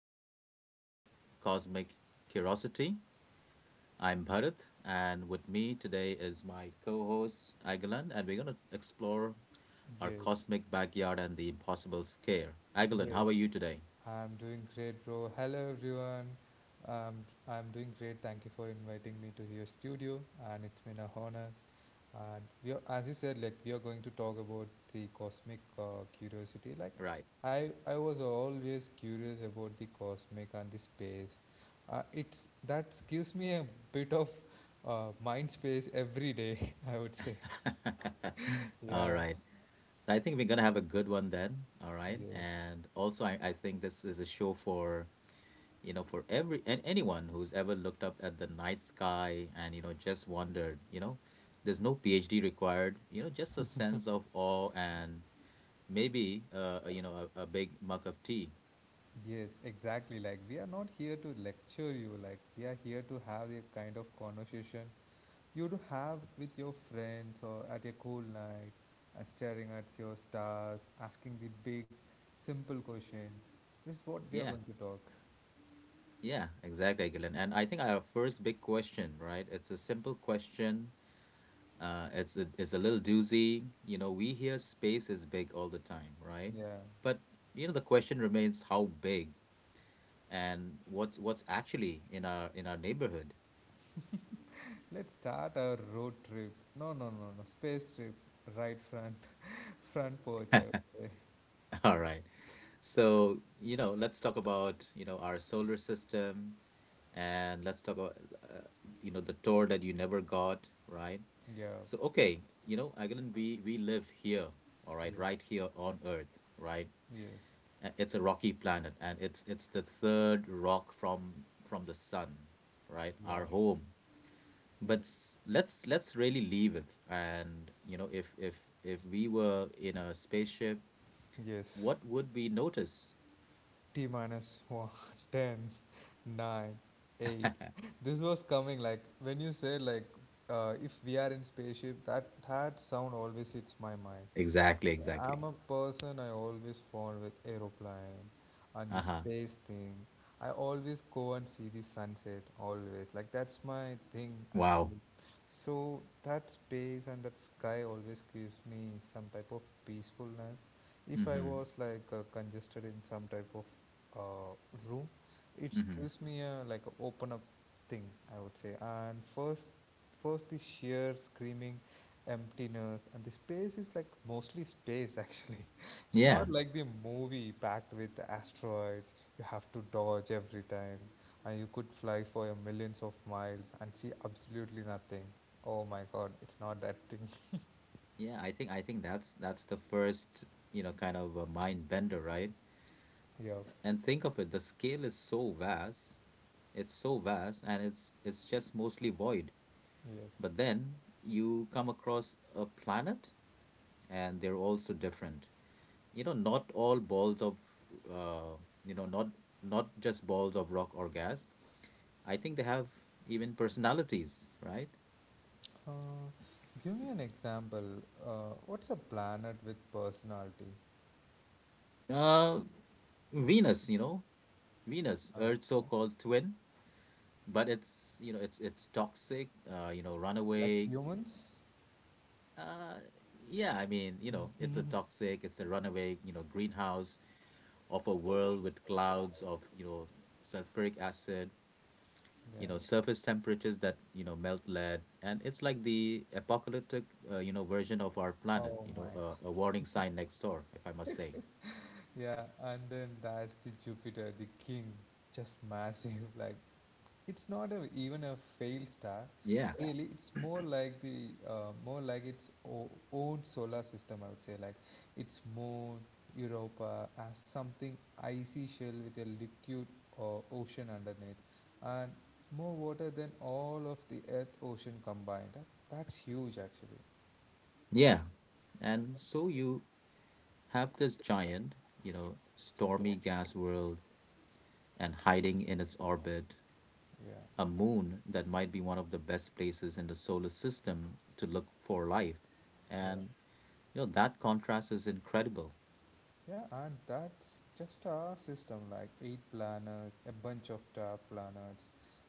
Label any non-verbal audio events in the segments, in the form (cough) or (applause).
episode of Cosmic Curiosity. I'm Bharat, and with me today is my co host, Agilan, and we're going to explore our Yes, cosmic backyard and the impossible scare. Agilan, how yes. are you today? I'm doing great, bro. Hello, everyone. I'm doing great. Thank you for inviting me to your studio, and it's been a honor. And we are, as you said, like we are going to talk about the cosmic curiosity. Like, Right. I was always curious about the cosmic and the space. It's that gives me a bit of mind space every day. (laughs) I would say. (laughs) All Yeah. right. So I think we're going to have a good one then. All right. Yes. And also, I think this is a show for for every and anyone who's ever looked up at the night sky and just wondered there's no PhD required just a sense of awe and maybe a big mug of tea. Yes, exactly. Like, we are not here to lecture you. Like, we are here to have a kind of conversation you do have with your friends or at a cool night, staring at your stars, asking the big, simple question. This is what we are Yeah, going to talk. yeah, exactly, Gillian. And I think our first big question, right? It's a simple question. It's a little doozy. We hear space is big all the time, right? Yeah. But the question remains, how big, and what's actually in our neighborhood? Let's start our road trip. No, no, no, no. Space trip. Right front, (laughs) front porch. (laughs) All right. So, let's talk about, our solar system and let's talk about, uh, the tour that you never got, right? Yeah. So, okay, Agilan, we live here, all right, Yes. right here on Earth, right? Yes. It's a rocky planet and it's the third rock from the sun, right? Yeah. Our home. But Yes. s- let's let's really leave it. And, if we were in a spaceship, Yes. what would we notice? T minus one, (laughs) ten, nine, 8. This was coming like when you said like if we are in spaceship, that sound always hits my mind. Exactly, exactly. I'm a person, I always fond with aeroplane and the Uh-huh. space thing. I always go and see the sunset always. Like, that's my thing Wow. actually. So that space and that sky always gives me some type of peacefulness. If I Mm-hmm. was like congested in some type of room, it Mm-hmm. gives me a like a open up thing, I would say. And first, the sheer screaming emptiness, and the space is like mostly space actually. (laughs) It's not Yeah. like the movie, packed with asteroids you have to dodge every time, and you could fly for your millions of miles and see absolutely nothing. Oh my god, it's not that thing. Yeah, I think that's the first, kind of a mind bender, right? (laughs) Yep. And think of it, the scale is so vast. It's so vast and it's just mostly void. Yep. But then you come across a planet and they're also different. Not all balls of uh, you know, not not just balls of rock or gas. I think they have even personalities, right? uh, Give me an example. What's a planet with personality? Uh, Venus, Venus, Earth's Okay. so-called twin, but it's toxic, Like runaway. humans. Uh, yeah, I mean, it's a toxic, it's a runaway, greenhouse of a world with clouds of, sulfuric acid, Yeah. surface temperatures that, melt lead, and it's like the apocalyptic, version of our planet, Oh my. A warning sign next door, if I must say. Yeah, and then that's the Jupiter, the king, just massive. (laughs) Like, it's not a, even a failed star. Yeah, Really, it's more like the more like its own solar system, I would say. Like, its moon, Europa, as something icy shell with a liquid ocean underneath, and more water than all of the Earth ocean combined. That's huge, actually. yeah. And so you have this giant, stormy gas world and hiding in its orbit Yeah, a moon that might be one of the best places in the solar system to look for life. yeah. And, that contrast is incredible. Yeah, and that's just our system, like eight planets, a bunch of star planets,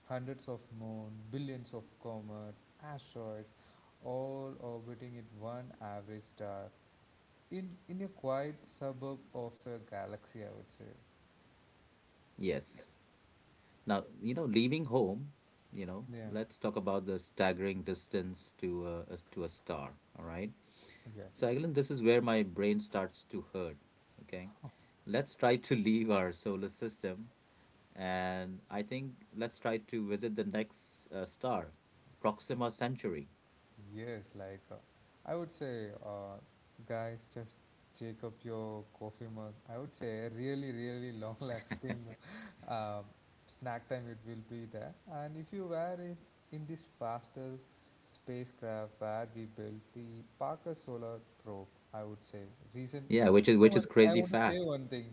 hundreds of moon, billions of comets, asteroids, all orbiting at one average star in a quiet suburb of a galaxy, I would say. Yes. Now, leaving home, Yeah, let's talk about the staggering distance to to a star, all right? yes. So, Agilan, this is where my brain starts to hurt, okay? Let's try to (laughs) leave our solar system. And I think let's try to visit the next star, Proxima Centauri. Yes, like I would say, guys, just take up your coffee mug. I would say a really, really long (laughs) lasting uh, snack time it will be there. And if you were in this faster spacecraft where we built the Parker Solar Probe, I would say recent. Yeah, which You is know which one is I crazy want to say fast. one thing.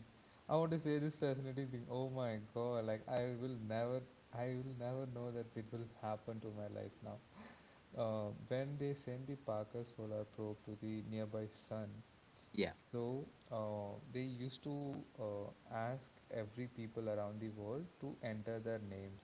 I want to say this fascinating thing. Oh my God! Like, I will never know that it will happen to my life now when they send the Parker solar probe to the nearby sun, Yeah, so they used to ask every people around the world to enter their names.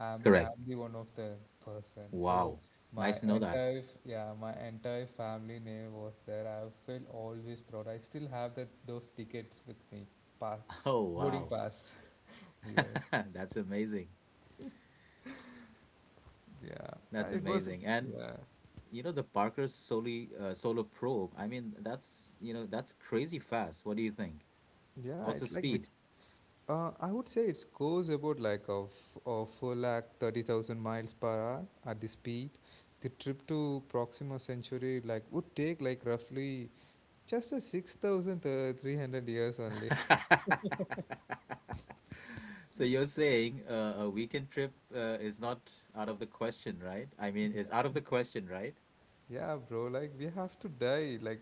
I'm correct. the one of the person. So Wow. my Nice to know that. (laughs) entire yeah, my entire family name was there. I feel always proud. I still have that those tickets with me, pass, Oh, boarding wow. pass. (laughs) Yes, (laughs) That's amazing. yeah. That's it was. amazing. And Yeah, you know the Parker's solely solar probe. I mean, that's you know that's crazy fast. What do you think? yeah. What's the It's like which speed? I would say it goes about like a 4 lakh 30,000 miles per hour at the speed. The trip to Proxima Century like would take like roughly just a 6,300 years only. (laughs) So you're saying a weekend trip is not out of the question, right? I mean, is out of the question, right? (laughs) Yeah, bro, like we have to die like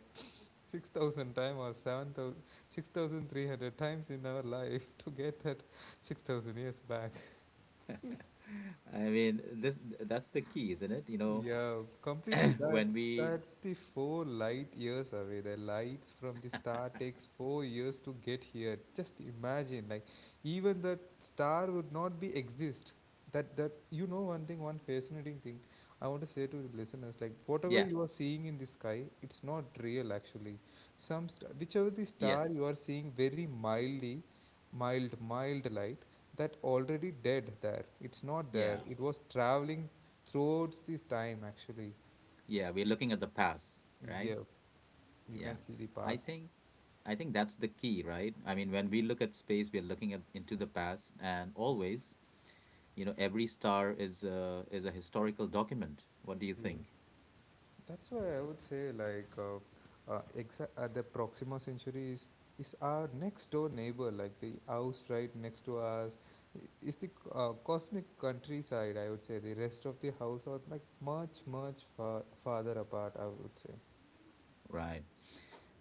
6,000 times or 7,000 6,300 times in our life (laughs) to get that 6,000 years back. (laughs) I mean, this that's the key, isn't it? Yeah, completely. (clears throat) when That's we, that's the 4 light years away. The lights from the star takes 4 years to get here. Just imagine, like even that star would not be exist. That that you know One thing, one fascinating thing I want to say to the listeners, like whatever yeah, you are seeing in the sky, it's not real actually. Whichever the star you yes, are seeing very mildly, mild light, that already dead there, it's not there, yeah, it was traveling throughout this time actually. yeah, we're looking at the past, right? Yeah, you can Yeah. see the I past. think I think that's the key, right? I mean, when we look at space, we're looking at into the past and always, every star is a historical document. What do you Yeah. think? That's why I would say like the proxima century is our next door neighbor, like the house right next to us. Is the cosmic countryside, I would say. The rest of the house are like much much farther apart, I would say. Right.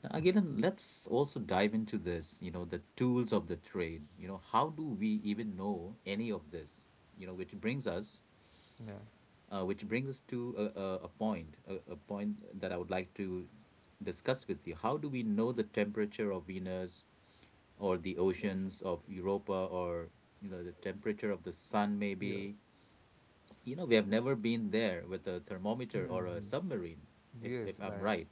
Now, again, let's also dive into this, the tools of the trade. How do we even know any of this? You know, which brings us, Yeah. which brings us to a point that I would like to discuss with you. How do we know the temperature of Venus or the oceans of Europa or, the temperature of the sun maybe? We have never been there with a thermometer or a Hmm. submarine, if Yes, if I'm like, right.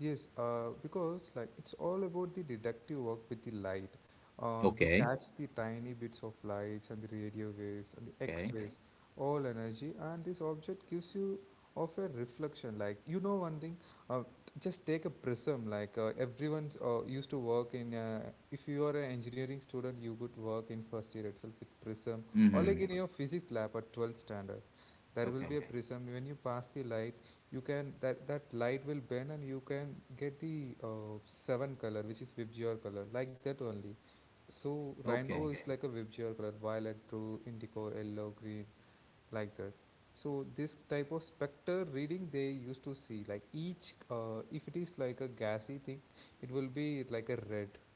yes, because like it's all about the deductive work with the light. We Okay. catch the tiny bits of lights and the radio waves and the Okay. X-rays, all energy, and this object gives you of a reflection. Like, you know one thing, uh, just take a prism. Like everyone used to work in. If you are an engineering student, you could work in first year itself with prism, or Mm-hmm. like in your physics lab at 12th standard, there will be Okay. a, okay, prism. When you pass the light, you can, that light will bend, and you can get the seven color which is vibgyor color, like that only. So rainbow Okay. is, okay, like a vibgyor color, violet, blue, indigo, yellow, green, like that. So this type of spectre reading, they used to see like each, if it is like a gassy thing, it will be like a red.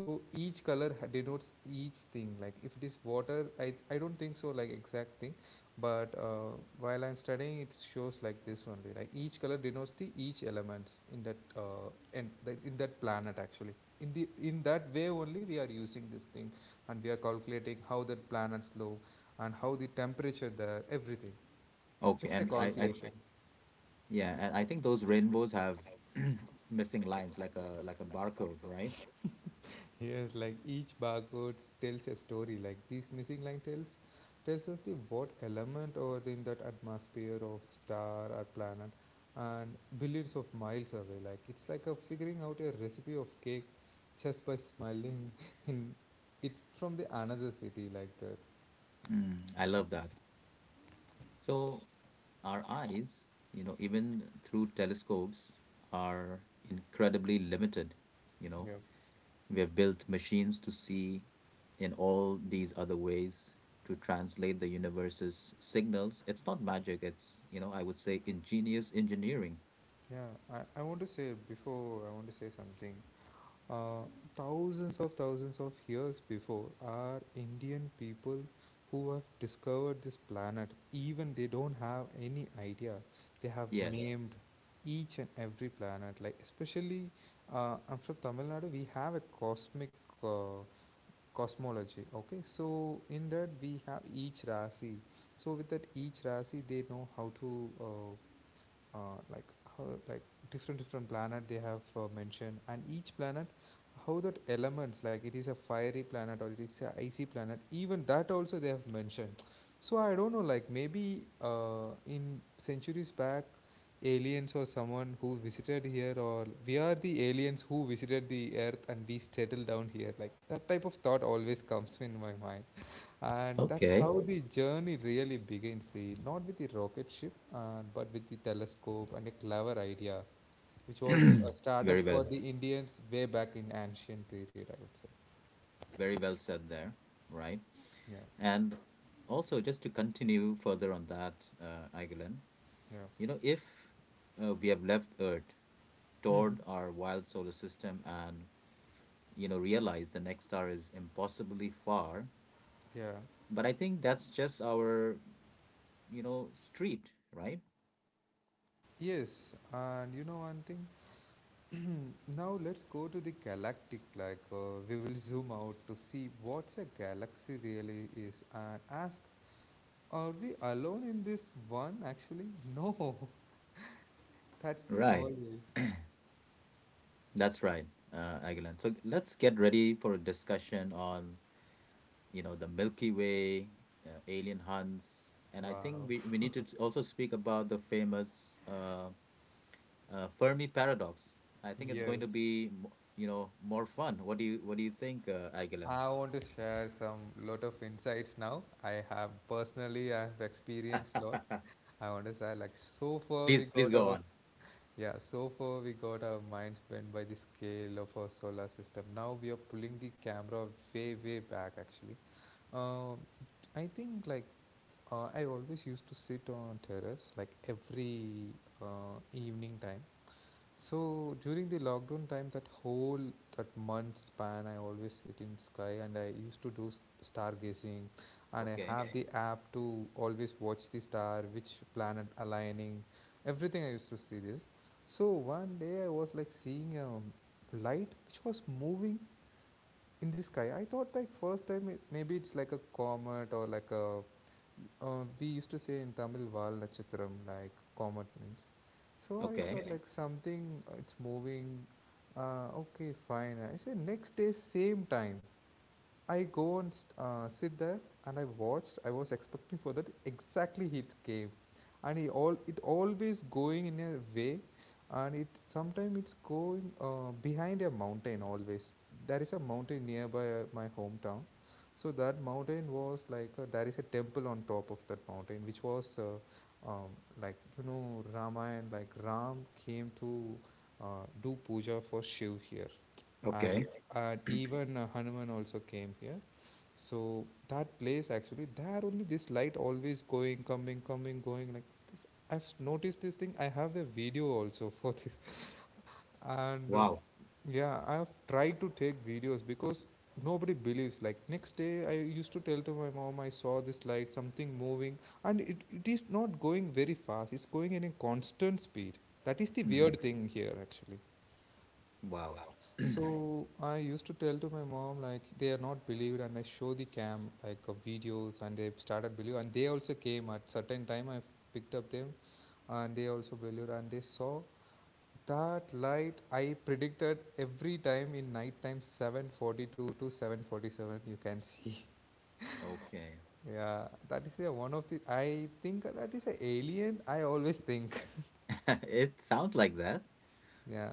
So each color denotes each thing. Like, if it is water, I don't think so like exact thing, but while I'm studying, it shows like this only. Like, each color denotes the each elements in that, and that in that planet actually. In that way only we are using this thing, and we are calculating how that planets look and how the temperature there, everything. Okay, Just a, okay, and I calculation. yeah, and I think those rainbows have (clears throat) missing lines like a barcode, right? Yes, like each barcode tells a story. Like, this missing line tells us the what element or the, in that atmosphere of star or planet, and billions of miles away. Like, it's like a figuring out a recipe of cake just by smiling (laughs) in it from the another city, like that. Mm, I love that. So our eyes, even through telescopes, are incredibly limited. You know, we have built machines to see in all these other ways to translate the universe's signals. It's not magic, it's, I would say ingenious engineering. Yeah, I want to say before. I want to say something. Uh, thousands of years before, our Indian people who have discovered this planet, even they don't have any idea, they have Yes. named each and every planet. Like especially, I'm from Tamil Nadu. We have a cosmic uh, cosmology. Okay, so in that we have each Rasi. So with that each Rasi, they know how to like, how like different different planet they have mentioned, and each planet how that elements, like it is a fiery planet or it is a icy planet, even that also they have mentioned. So I don't know, like maybe in centuries back, aliens or someone who visited here, or we are the aliens who visited the earth and we settled down here, like that type of thought always comes in my mind. And that's Okay. how the journey really begins. The not with the rocket ship, but with the telescope and a clever idea, which was (clears throat) started Very for well. the Indians way back in ancient period, I would say. Very well said there, right? Yeah, And also, just to continue further on that, Aigelan, yeah. If we have left Earth, Mhm. toured our wild solar system, and, realized the next star is impossibly far, Yeah. but I think that's just our, street, right? Yes, and you know one thing. (clears throat) Now let's go to the galactic. Like we will zoom out to see what's a galaxy really is, and ask, are we alone in this one? Actually, no. (laughs) That's the Right. always. That's right, Aigelan. So let's get ready for a discussion on the Milky Way, alien hunts, and I think Wow. we need to also speak about the famous Fermi paradox. I think it's going Yes, to be, more fun. What do you think, Aiglan? I want to share some lot of insights now. I have personally, I have experienced lot. (laughs) I want to share like so far we Please, please got go our on. Yeah, so far we got our minds bent by the scale of our solar system. Now we are pulling the camera way way back actually. Um, I think like I always used to sit on terrace like every evening time. So during the lockdown time, that month span, I always sit in sky and I used to do stargazing, and I Okay, have, okay, the app to always watch the star, which planet aligning, everything. I used to see this. So one day I was like seeing a light which was moving in the sky. I thought like first time it, maybe it's like a comet or like a, we used to say in Tamil Val Natchatram, like comet means. So I thought, okay, okay, like something, it's moving. Okay, fine. I said next day, same time. I go and sit there and I watched. I was expecting for that exactly he gave, and he all it always going in a way, and it sometimes it's going behind a mountain always. There is a mountain nearby my hometown. So that mountain was like, there is a temple on top of that mountain, which was um, like, Ramayana. Like Ram came to do puja for Shiv here, and, okay. okay, and even Hanuman also came here. So that place actually, there only this light always going, coming, coming, going like this. I've noticed this thing. I have a video also for (laughs) this, and Wow. yeah, I've tried to take videos because nobody believes. Like next day, I used to tell to my mom I saw this light, something moving, and it is not going very fast. It's going in a constant speed. That is the Hmm. weird thing here actually. Wow. (clears throat) So I used to tell to my mom like they are not believed, and I show the cam like of videos, and they started believe, and they also came at certain time. I picked up them, and they also believed, and they saw that light. I predicted every time in night time 7:42 to 7:47. You can see, Okay. (laughs) yeah, that is a one of the. I think that is a alien. I always think, (laughs) It sounds like that. yeah,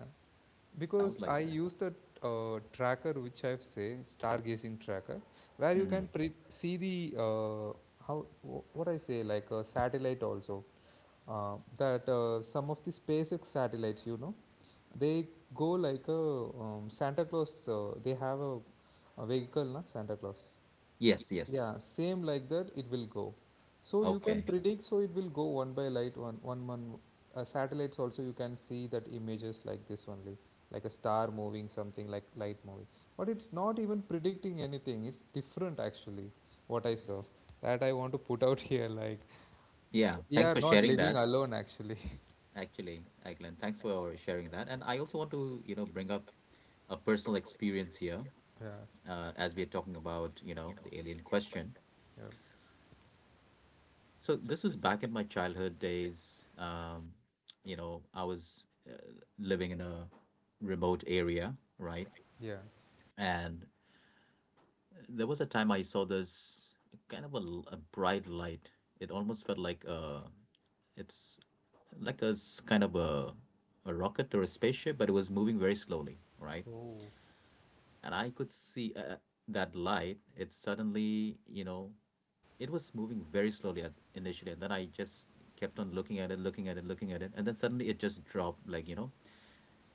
because Sounds like I that. use the tracker which I've say stargazing tracker, where you can Hmm. See the how what I say, like a satellite also. That Some of the SpaceX satellites, they go like a Santa Claus. They have a vehicle, na Santa Claus. Yes, yes. Yeah, same like that it will go. So you can, okay, Okay. predict, so it will go one by light, one one one satellites also you can see that images like this only, like a star moving something like light moving. But it's not even predicting anything. It's different actually, what I saw. That I want to put out (laughs) here, like Yeah. we Thanks are for not sharing living that. alone actually. Actually, Glenn, thanks for sharing that. And I also want to, bring up a personal experience here (laughs) Yeah, as we're talking about, the alien question. yeah, So this was back in my childhood days. I was living in a remote area, right? yeah. And there was a time I saw this kind of a bright light. It almost felt like it's like kind of a rocket or a spaceship, but it was moving very slowly, right? Oh. And I could see that light. It suddenly, you know, it was moving very slowly at initially, and then I just kept on looking at it, looking at it, looking at it, and then suddenly it just dropped. Like,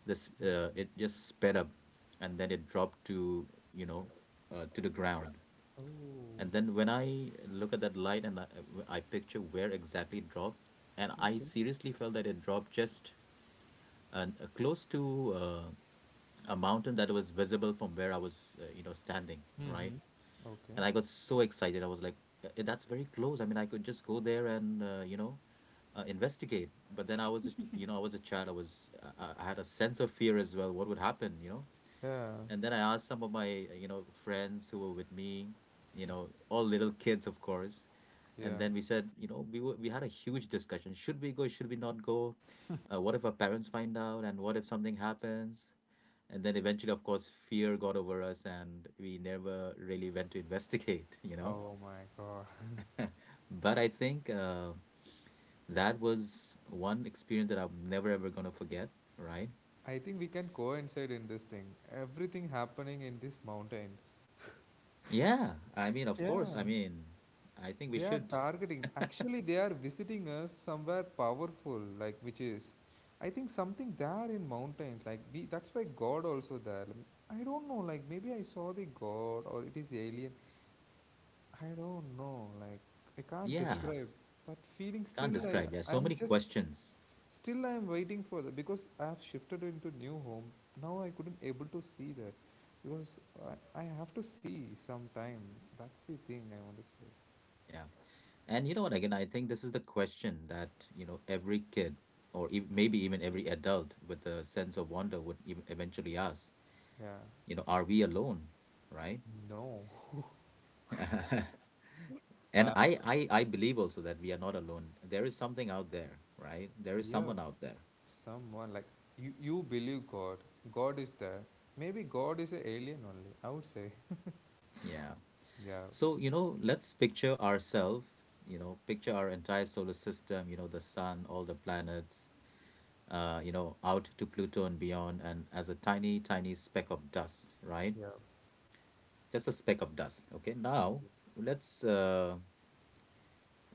this it just sped up, and then it dropped to you know to the ground. And then when I look at that light and I picture where exactly it dropped, and I seriously felt that it dropped just uh, close to a mountain that was visible from where I was, standing, right? Mm-hmm. Okay. And I got so excited. I was like, "That's very close." I mean, I could just go there and investigate. But then I was a child. I was, I had a sense of fear as well. What would happen, you know? Yeah, And then I asked some of my, friends who were with me, all little kids, of course. yeah. And then we said, we had a huge discussion. Should we go? Should we not go? What if our parents find out? And what if something happens? And then eventually, of course, fear got over us and we never really went to investigate. (laughs) Oh my God. But I think that was one experience that I'm never ever going to forget, right? I think we can coincide in this thing. Everything happening in these mountains. Yeah. I mean, of course. Yeah. I mean, I think we They are should. targeting. Actually, they are visiting us somewhere powerful, like which is, I think something there in mountains. Like we, that's why God also there. Like, I don't know. Like maybe I saw the God or it is alien. I don't know. Like I can't, yeah, Yeah. describe that feeling. Can't Still, I describe. Yeah. So I'm many just. questions. Still, I am waiting for that because I have shifted into new home. Now I couldn't able to see that because I have to see sometime. That's the thing I want to say. Yeah. And you know what? Again, I think this is the question that, every kid or maybe even every adult with a sense of wonder would eventually ask, Yeah. Are we alone, right? No. (laughs) And Uh, I believe also that we are not alone. There is something out there, right? There is yeah. someone out there. Someone like you. You believe God. God is there. Maybe God is an alien only, I would say. (laughs) Yeah. Yeah. So, let's picture ourselves, picture our entire solar system, the sun, all the planets, out to Pluto and beyond, and as a tiny, tiny speck of dust, right? Yeah. Just a speck of dust. Okay. Now, let's,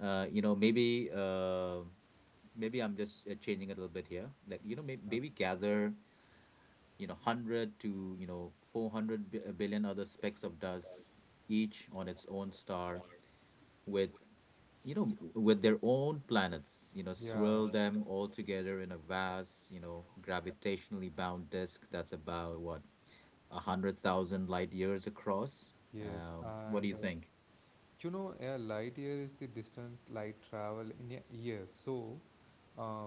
you know, maybe, maybe I'm just changing it a little bit here. Like, maybe gather 100 to 400 billion other specks of dust each on its own star with their own planets Yeah. swirl them all together in a vast gravitationally bound disk that's about what a 100,000 light years across. Yes. What do And you think? A light year is the distance light travel in a year. So uh,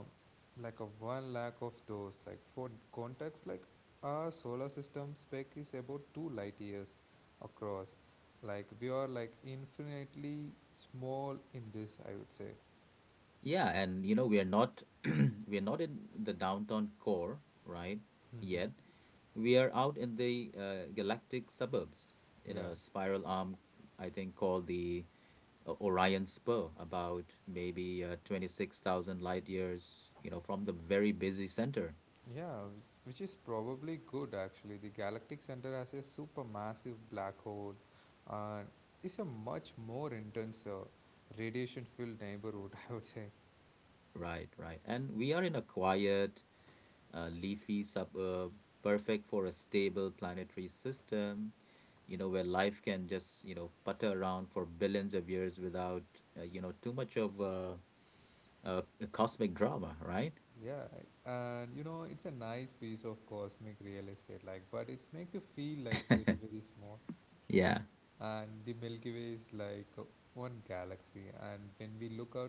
like a 1 lakh of those. Like for context, like our solar system spec is about 2 light years across. Like we are like infinitely small in this, I would say. Yeah, and you know, we are not (clears throat) we are not in the downtown core, right? Yet. Hmm. We are out in the galactic suburbs in Yeah, a spiral arm, I think, called the Orion Spur, about maybe 26,000 light years, you know, from the very busy center. yeah, which is probably good actually. The galactic center has a supermassive black hole, and it's a much more intense radiation-filled neighborhood, (laughs) I would say. Right, right. And we are in a quiet, leafy suburb, perfect for a stable planetary system you know, where life can just, putter around for billions of years without, too much of a cosmic drama, right? Yeah, and you know, it's a nice piece of cosmic real estate, like, but it makes you feel like very, very small. Yeah. And the Milky Way is like one galaxy, and when we look out,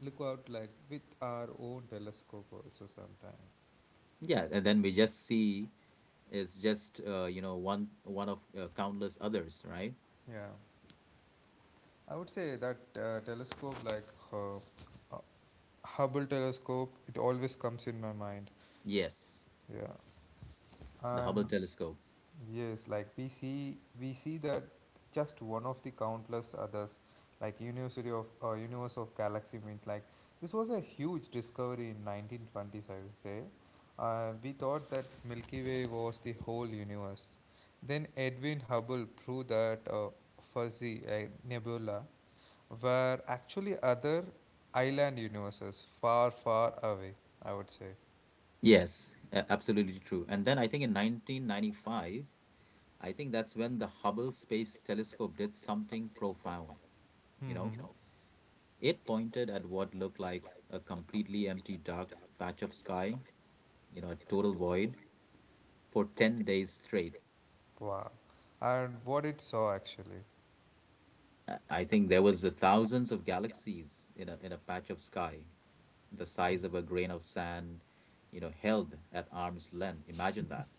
like with our own telescope also sometimes. Yeah, and then we just see it's just you know one one of countless others, right? Yeah, I would say that telescope, like uh, uh, Hubble telescope, it always comes in my mind. Yes, Yeah, the Hubble and telescope. yes, like we see that just one of the countless others, like University of Universe of Galaxy Mint. Like this was a huge discovery in 1920s, I would say. We thought that Milky Way was the whole universe. Then Edwin Hubble proved that fuzzy nebula were actually other island universes far, far away, I would say. Yes, absolutely true. And then I think in 1995, I think that's when the Hubble Space Telescope did something profound, you know? Hmm. It pointed at what looked like a completely empty dark patch of sky, you know, a total void for 10 days straight. Wow. And what it saw actually. I think there was a thousands of galaxies in a patch of sky, the size of a grain of sand, you know, held at arm's length. Imagine that.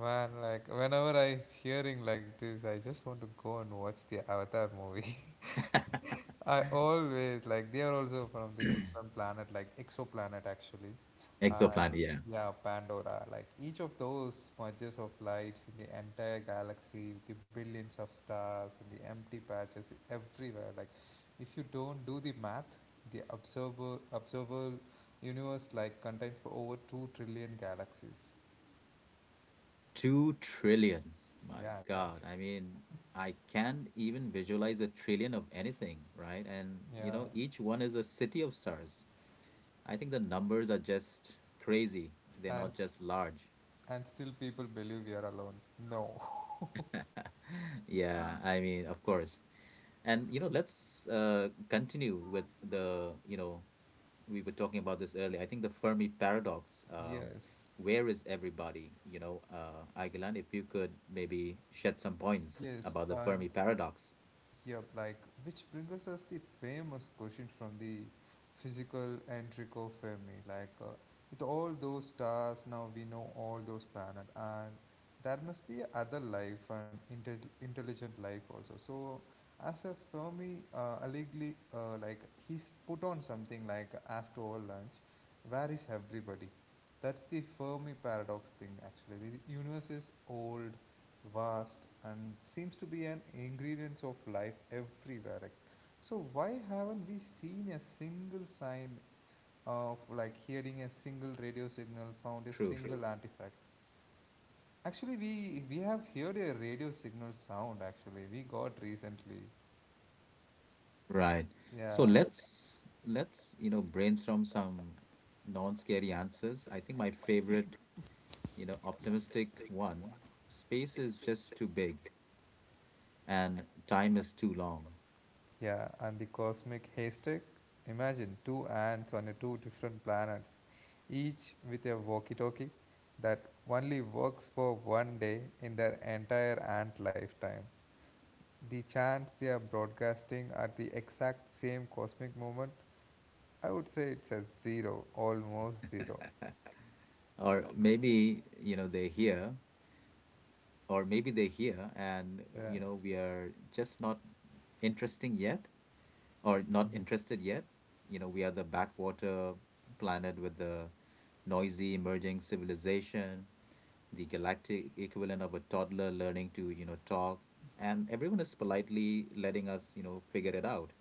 Man, like whenever I hearing like this, I just want to go and watch the Avatar movie. (laughs) I always like they are also from the different planet, like exoplanet actually, and Exoplanet, yeah. yeah, Pandora. Like each of those smudges of lights in the entire galaxy, the billions of stars and the empty patches everywhere. Like if you don't do the math, the observable universe like contains for over 2 trillion galaxies. 2 trillion. My Yeah, that, God. I mean, I can't even visualize a trillion of anything, right? And, you yeah, know, each one is a city of stars. I think the numbers are just crazy. They're and not just large. And still people believe we are alone. No. Yeah, I mean, of course, and you know, let's continue with the, you know, we were talking about this earlier. I think the Fermi paradox, Yes. where is everybody? Agilan, if you could maybe shed some points Yes. about the And Fermi paradox. yep, like which brings us the famous question from the physical Enrico Fermi. Like with all those stars, now we know all those planets, and there must be other life and intelligent life also. So, as a Fermi allegedly, like he's put on something like Astro or Lunch, where is everybody? That's the Fermi paradox thing actually. The universe is old, vast and seems to be an ingredient of life everywhere. Like, so why haven't we seen a single sign of like hearing a single radio signal found a True. single artifact? Actually, we have heard a radio signal sound. Actually, we got recently. Right. So Yeah. let's, you know, brainstorm some non-scary answers. I think my favorite, you know, optimistic one, space is just too big and time is too long. Yeah, and the cosmic haystack. Imagine two ants on a two different planets, each with a walkie-talkie that only works for one day in their entire ant lifetime. The chance they are broadcasting at the exact same cosmic moment, I would say it's a zero, almost zero. Or maybe, you know, they're here or maybe they're here and Yeah. you know we are just not interesting yet or not interested yet. You know, we are the backwater planet with the noisy emerging civilization, the galactic equivalent of a toddler learning to talk, and everyone is politely letting us figure it out.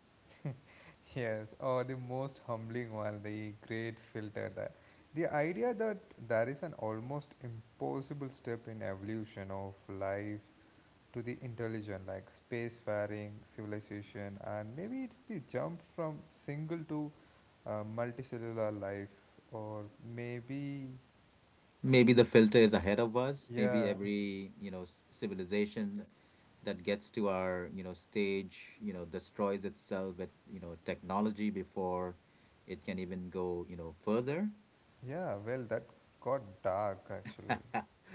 Yes, or the most humbling one, the great filter that the idea that there is an almost impossible step in evolution of life to the intelligent like spacefaring civilization and maybe it's the jump from single to multicellular life or maybe, Maybe the filter is ahead of us. Maybe yeah, every civilization that gets to our stage destroys itself with technology before it can even go further. yeah, well that got dark actually. (laughs)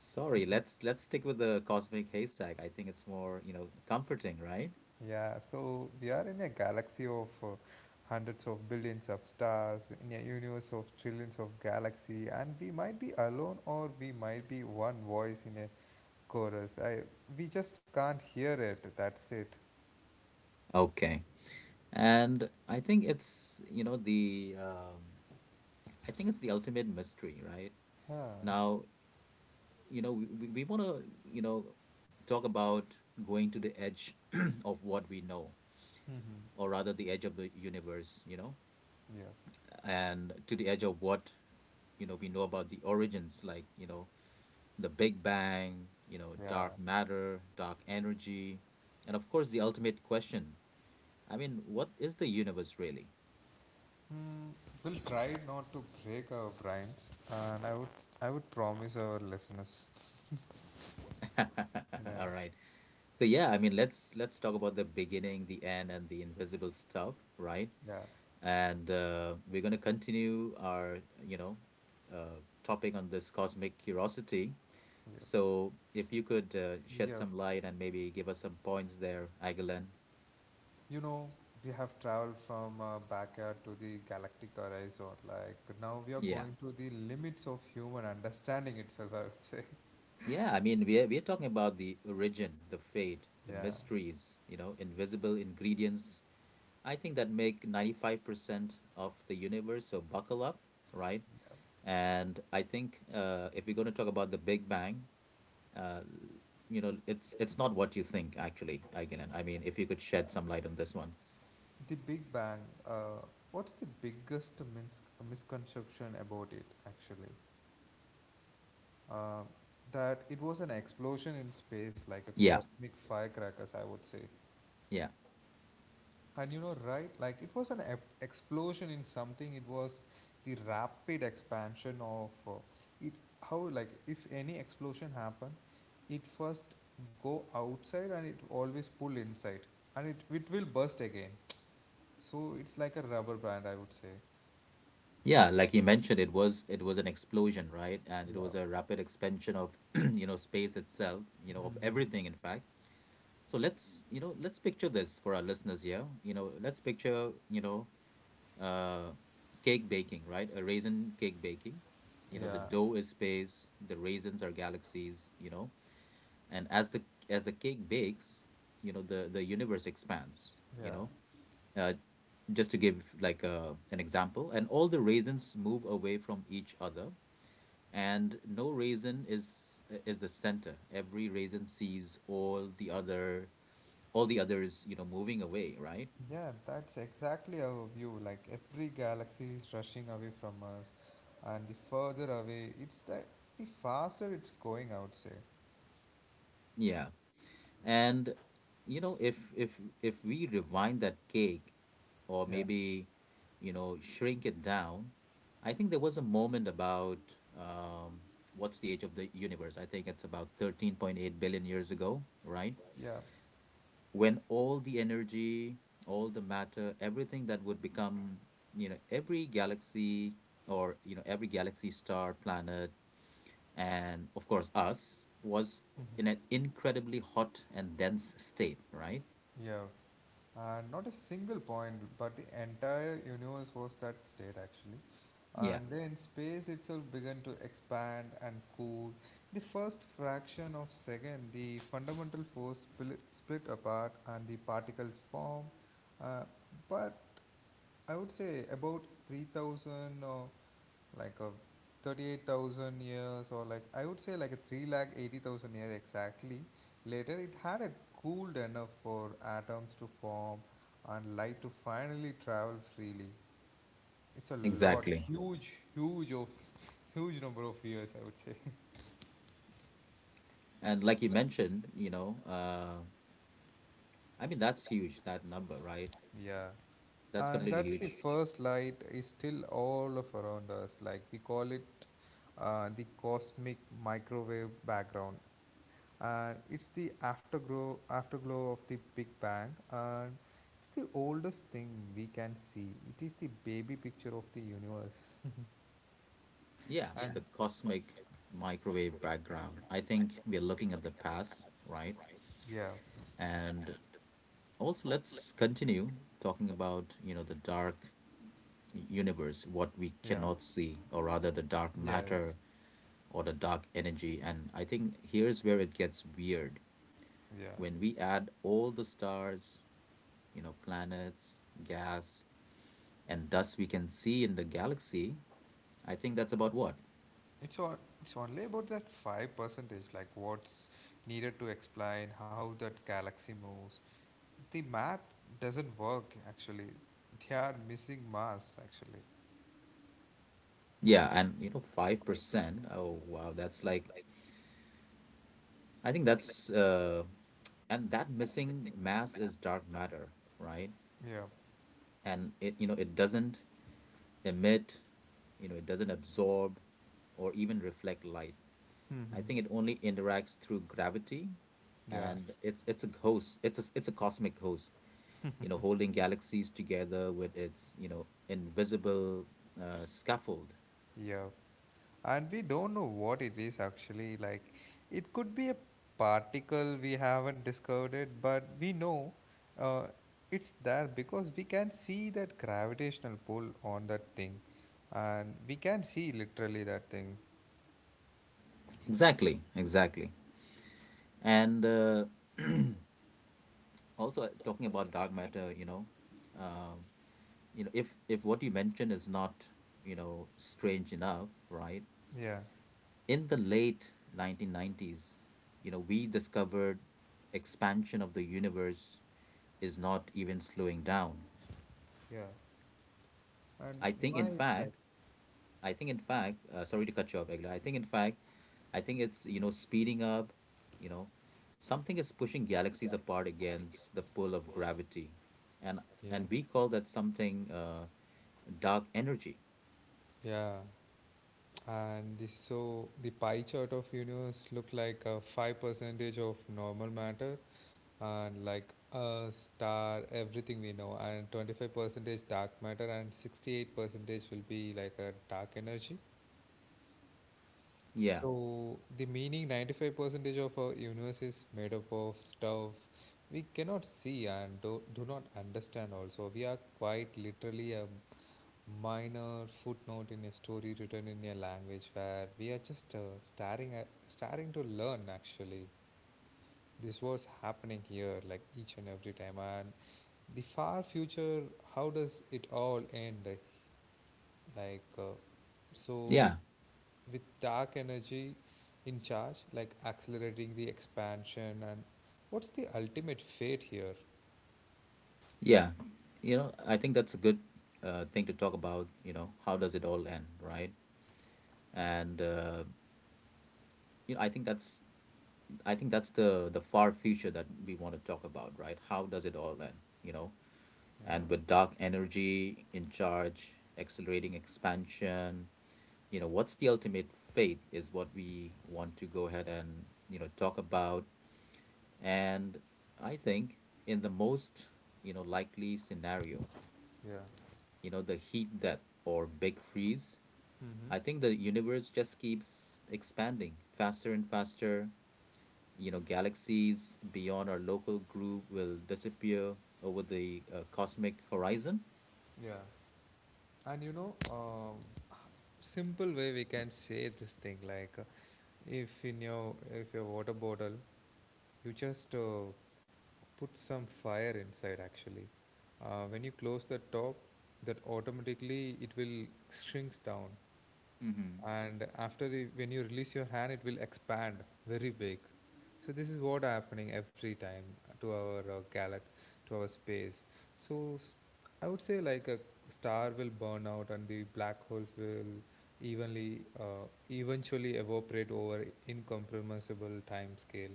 sorry, let's stick with the cosmic haystack. I think it's more, you know, comforting, right? Yeah, so we are in a galaxy of hundreds of billions of stars, in a universe of trillions of galaxy, and we might be alone or we might be one voice in a chorus. We just can't hear it. That's it. Okay. And I think it's, you know the I think it's the ultimate mystery, right? Huh. Now, you know, we want to, you know, talk about going to the edge (clears throat) of what we know, Mm-hmm. or rather the edge of the universe, you know, Yeah. and to the edge of what, you know, we know about the origins, like, you know, the Big Bang, you know, Yeah. dark matter, dark energy, and of course, the ultimate question. I mean, what is the universe really? Mm, we'll try not to break our brains, and I would promise our listeners. (laughs) Yeah. (laughs) All right. So yeah, I mean, let's talk about the beginning, the end, and the invisible stuff, right? And we're going to continue our topic on this cosmic curiosity, Yeah. so if you could shed Yeah. some light and maybe give us some points there, Aguilan. You know, we have traveled from backyard to the galactic horizon. Like now we are Yeah, going to the limits of human understanding itself, I would say. (laughs) yeah, I mean, we're talking about the origin, the fate, the Yeah. mysteries, you know, invisible ingredients, I think, that make 95% of the universe. So buckle up, right? Yeah. And I think if we're going to talk about the Big Bang, uh, you know, it's not what you think actually, Aikinen. I mean, if you could shed some light on this one. The Big Bang, uh, what's the biggest misconception about it actually? Uh, that it was an explosion in space, like a Yeah, cosmic firecrackers, I would say. yeah, And you know, right? Like it was an explosion in something. It was the rapid expansion of it. How like if any explosion happen, it first go outside and it always pull inside, and it will burst again. So it's like a rubber band, I would say. yeah, like you mentioned, it was an explosion, right? And it Yeah. was a rapid expansion of, (clears throat) you know, space itself, you know, of Mhm. everything, in fact. So let's, you know, let's picture this for our listeners here. You know, let's picture, you know, uh cake baking, right? A raisin cake baking. You know, the Yeah. dough is space, the raisins are galaxies, you know, and as the cake bakes, you know, the universe expands, you Yeah. know, uh, just to give like an example, and all the raisins move away from each other, and no raisin is the center. Every raisin sees all the others, you know, moving away, right? Yeah. That's exactly our view. Like every galaxy is rushing away from us, and the further away, it's that the faster it's going, I would say. Yeah. And you know, if we rewind that cake or Yeah, maybe, you know, shrink it down, I think there was a moment about um what's the age of the universe? I think it's about 13.8 billion years ago, right? yeah, When all the energy, all the matter, everything that would become, you know, every galaxy, star, planet, and of course us, was in an incredibly hot and dense state, right? yeah. Not a single point, but the entire universe was that state actually. Yeah, And then space itself began to expand and cool. The first fraction of second, the fundamental force split apart and the particles form. Uh, but I would say about 3000 or like a 38,000 years or like I would say like a 3 lakh 80,000 years exactly later it had a cooled enough for atoms to form and light to finally travel freely. It's a lot. Exactly. exactly. Huge, huge of huge number of years, I would say. And like you mentioned, you know, I mean, that's huge, that number, right? (laughs) Yeah. That's And completely that's, the huge. first light is still all of around us. Like we call it the cosmic microwave background, and it's the afterglow of the Big Bang, and it's the oldest thing we can see. It is the baby picture of the universe, Yeah, (laughs) and the cosmic microwave background. I think we're looking at the past, right? yeah, And also, let's continue talking about, you know, the dark universe, what we yeah, cannot see, or rather the dark matter yes, or the dark energy. And I think here's where it gets weird. yeah. When we add all the stars, you know, planets, gas, and thus we can see in the galaxy, I think that's about what? It's all, it's only about that 5%, like what's needed to explain how that galaxy moves. The math doesn't work actually. They are missing mass actually. Yeah, and you know, 5%. Oh, wow, that's like, I think that's, and that missing mass is dark matter, right? Yeah. And it, you know, it doesn't emit, you know, it doesn't absorb or even reflect light. I Hmm. think it only interacts through gravity, Yeah. and it's a host. It's a cosmic host, you know, holding galaxies together with its, you know, invisible scaffold. Yeah. And we don't know what it is actually, like it could be a particle we haven't discovered it but we know uh, it's there because we can see that gravitational pull on that thing and we can see literally that thing. Exactly, exactly. And (clears throat) also talking about dark matter, um, you know, if what you mentioned is not, you know, strange enough, right? Yeah. In the late 1990s, you know, we discovered expansion of the universe is not even slowing down. Yeah, and I think, why in it's like, fact, I think, in fact, Sorry to cut you off, Egla. I think, in fact, I think it's, you know, speeding up, you know, something is pushing galaxies apart against the pull of gravity. And, yeah, and we call that something dark energy. yeah. And so the pie chart of universe look like a 5% of normal matter, and like a star, everything we know, and 25% dark matter, and 68% will be like a dark energy. Yeah. So the meaning 95% of our universe is made up of stuff we cannot see and do not understand also. We are quite literally a minor footnote in a story written in a language where we are just staring at starting to learn actually. This was happening here, like each and every time. And the far future, how does it all end? like uh, so with Yeah. Dark energy in charge, like accelerating the expansion, and what's the ultimate fate here? Yeah, you know, I think that's a good thing to talk about. You know, how does it all end, right? And you know, I think that's the far future that we want to talk about, right? How does it all end? You know, Yeah, and with dark energy in charge, accelerating expansion, you know, what's the ultimate fate is what we want to go ahead and, you know, talk about. And I think in the most, you know, likely scenario, yeah. you know, the heat death or big freeze. Mm-hmm. I think the universe just keeps expanding faster and faster. You know, galaxies beyond our local group will disappear over the cosmic horizon. Yeah, and you know simple way we can say this thing, if in your, if your water bottle, you just put some fire inside actually, when you close the top, that automatically it will shrinks down, Mm-hmm. and when you release your hand it will expand very big. So this is what happening every time to our galaxy, to our space. So I would say, like a star will burn out and the black holes will evenly eventually evaporate over incomprehensible time scale,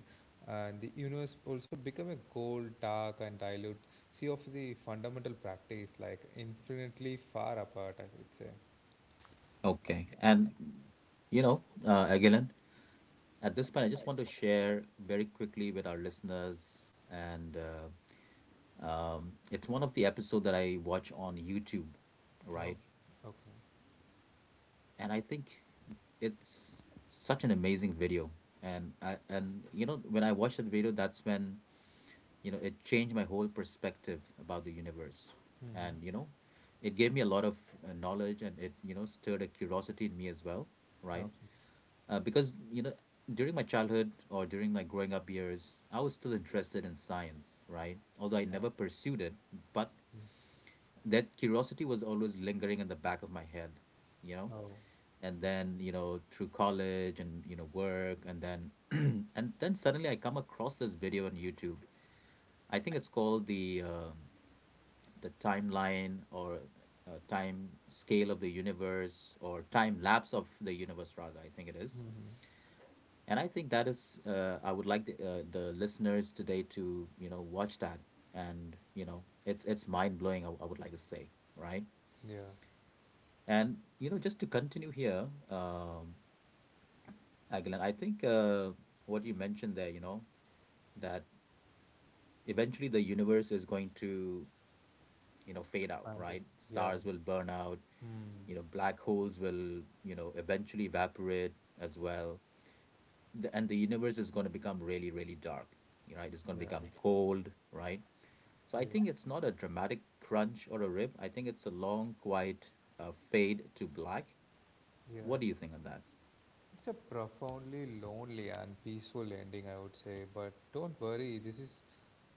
and the universe also become a cold, dark, and dilute sea of the fundamental practice, like infinitely far apart, I would say. Okay. And, you know, Agilon, at this point, I just want to share very quickly with our listeners. And it's one of the episodes that I watch on YouTube, Oh, right? okay. And I think it's such an amazing video. And I, and you know, when I watched that video, that's when, you know, it changed my whole perspective about the universe, Mm-hmm. and you know, it gave me a lot of knowledge, and it, you know, stirred a curiosity in me as well, right? Oh. Because you know, during my childhood or during my growing up years, I was still interested in science, right? Although I Oh. never pursued it, but Mm. that curiosity was always lingering in the back of my head, you know. Oh. And then, you know, through college and, you know, work, and then (clears throat) and then suddenly I come across this video on YouTube. I think it's called the, the timeline or time scale of the universe or time lapse of the universe rather. I think it is. Mm-hmm. And I think that is, I would like the listeners today to, you know, watch that, and you know, it's mind blowing, I would like to say, right? Yeah. And you know, just to continue here, Glenn, I think what you mentioned there, you know, that eventually the universe is going to, you know, fade out, Expanding. right? Yeah. Stars will burn out, Mm. you know, black holes will, you know, eventually evaporate as well. The, and the universe is going to become really, really dark, you know, right? It's going Yeah. to become cold, right? So I Yes. think it's not a dramatic crunch or a rip. I think it's a long, quiet fade to black. Yes. What do you think of It's a profoundly lonely and peaceful ending, I would say. But don't worry, this is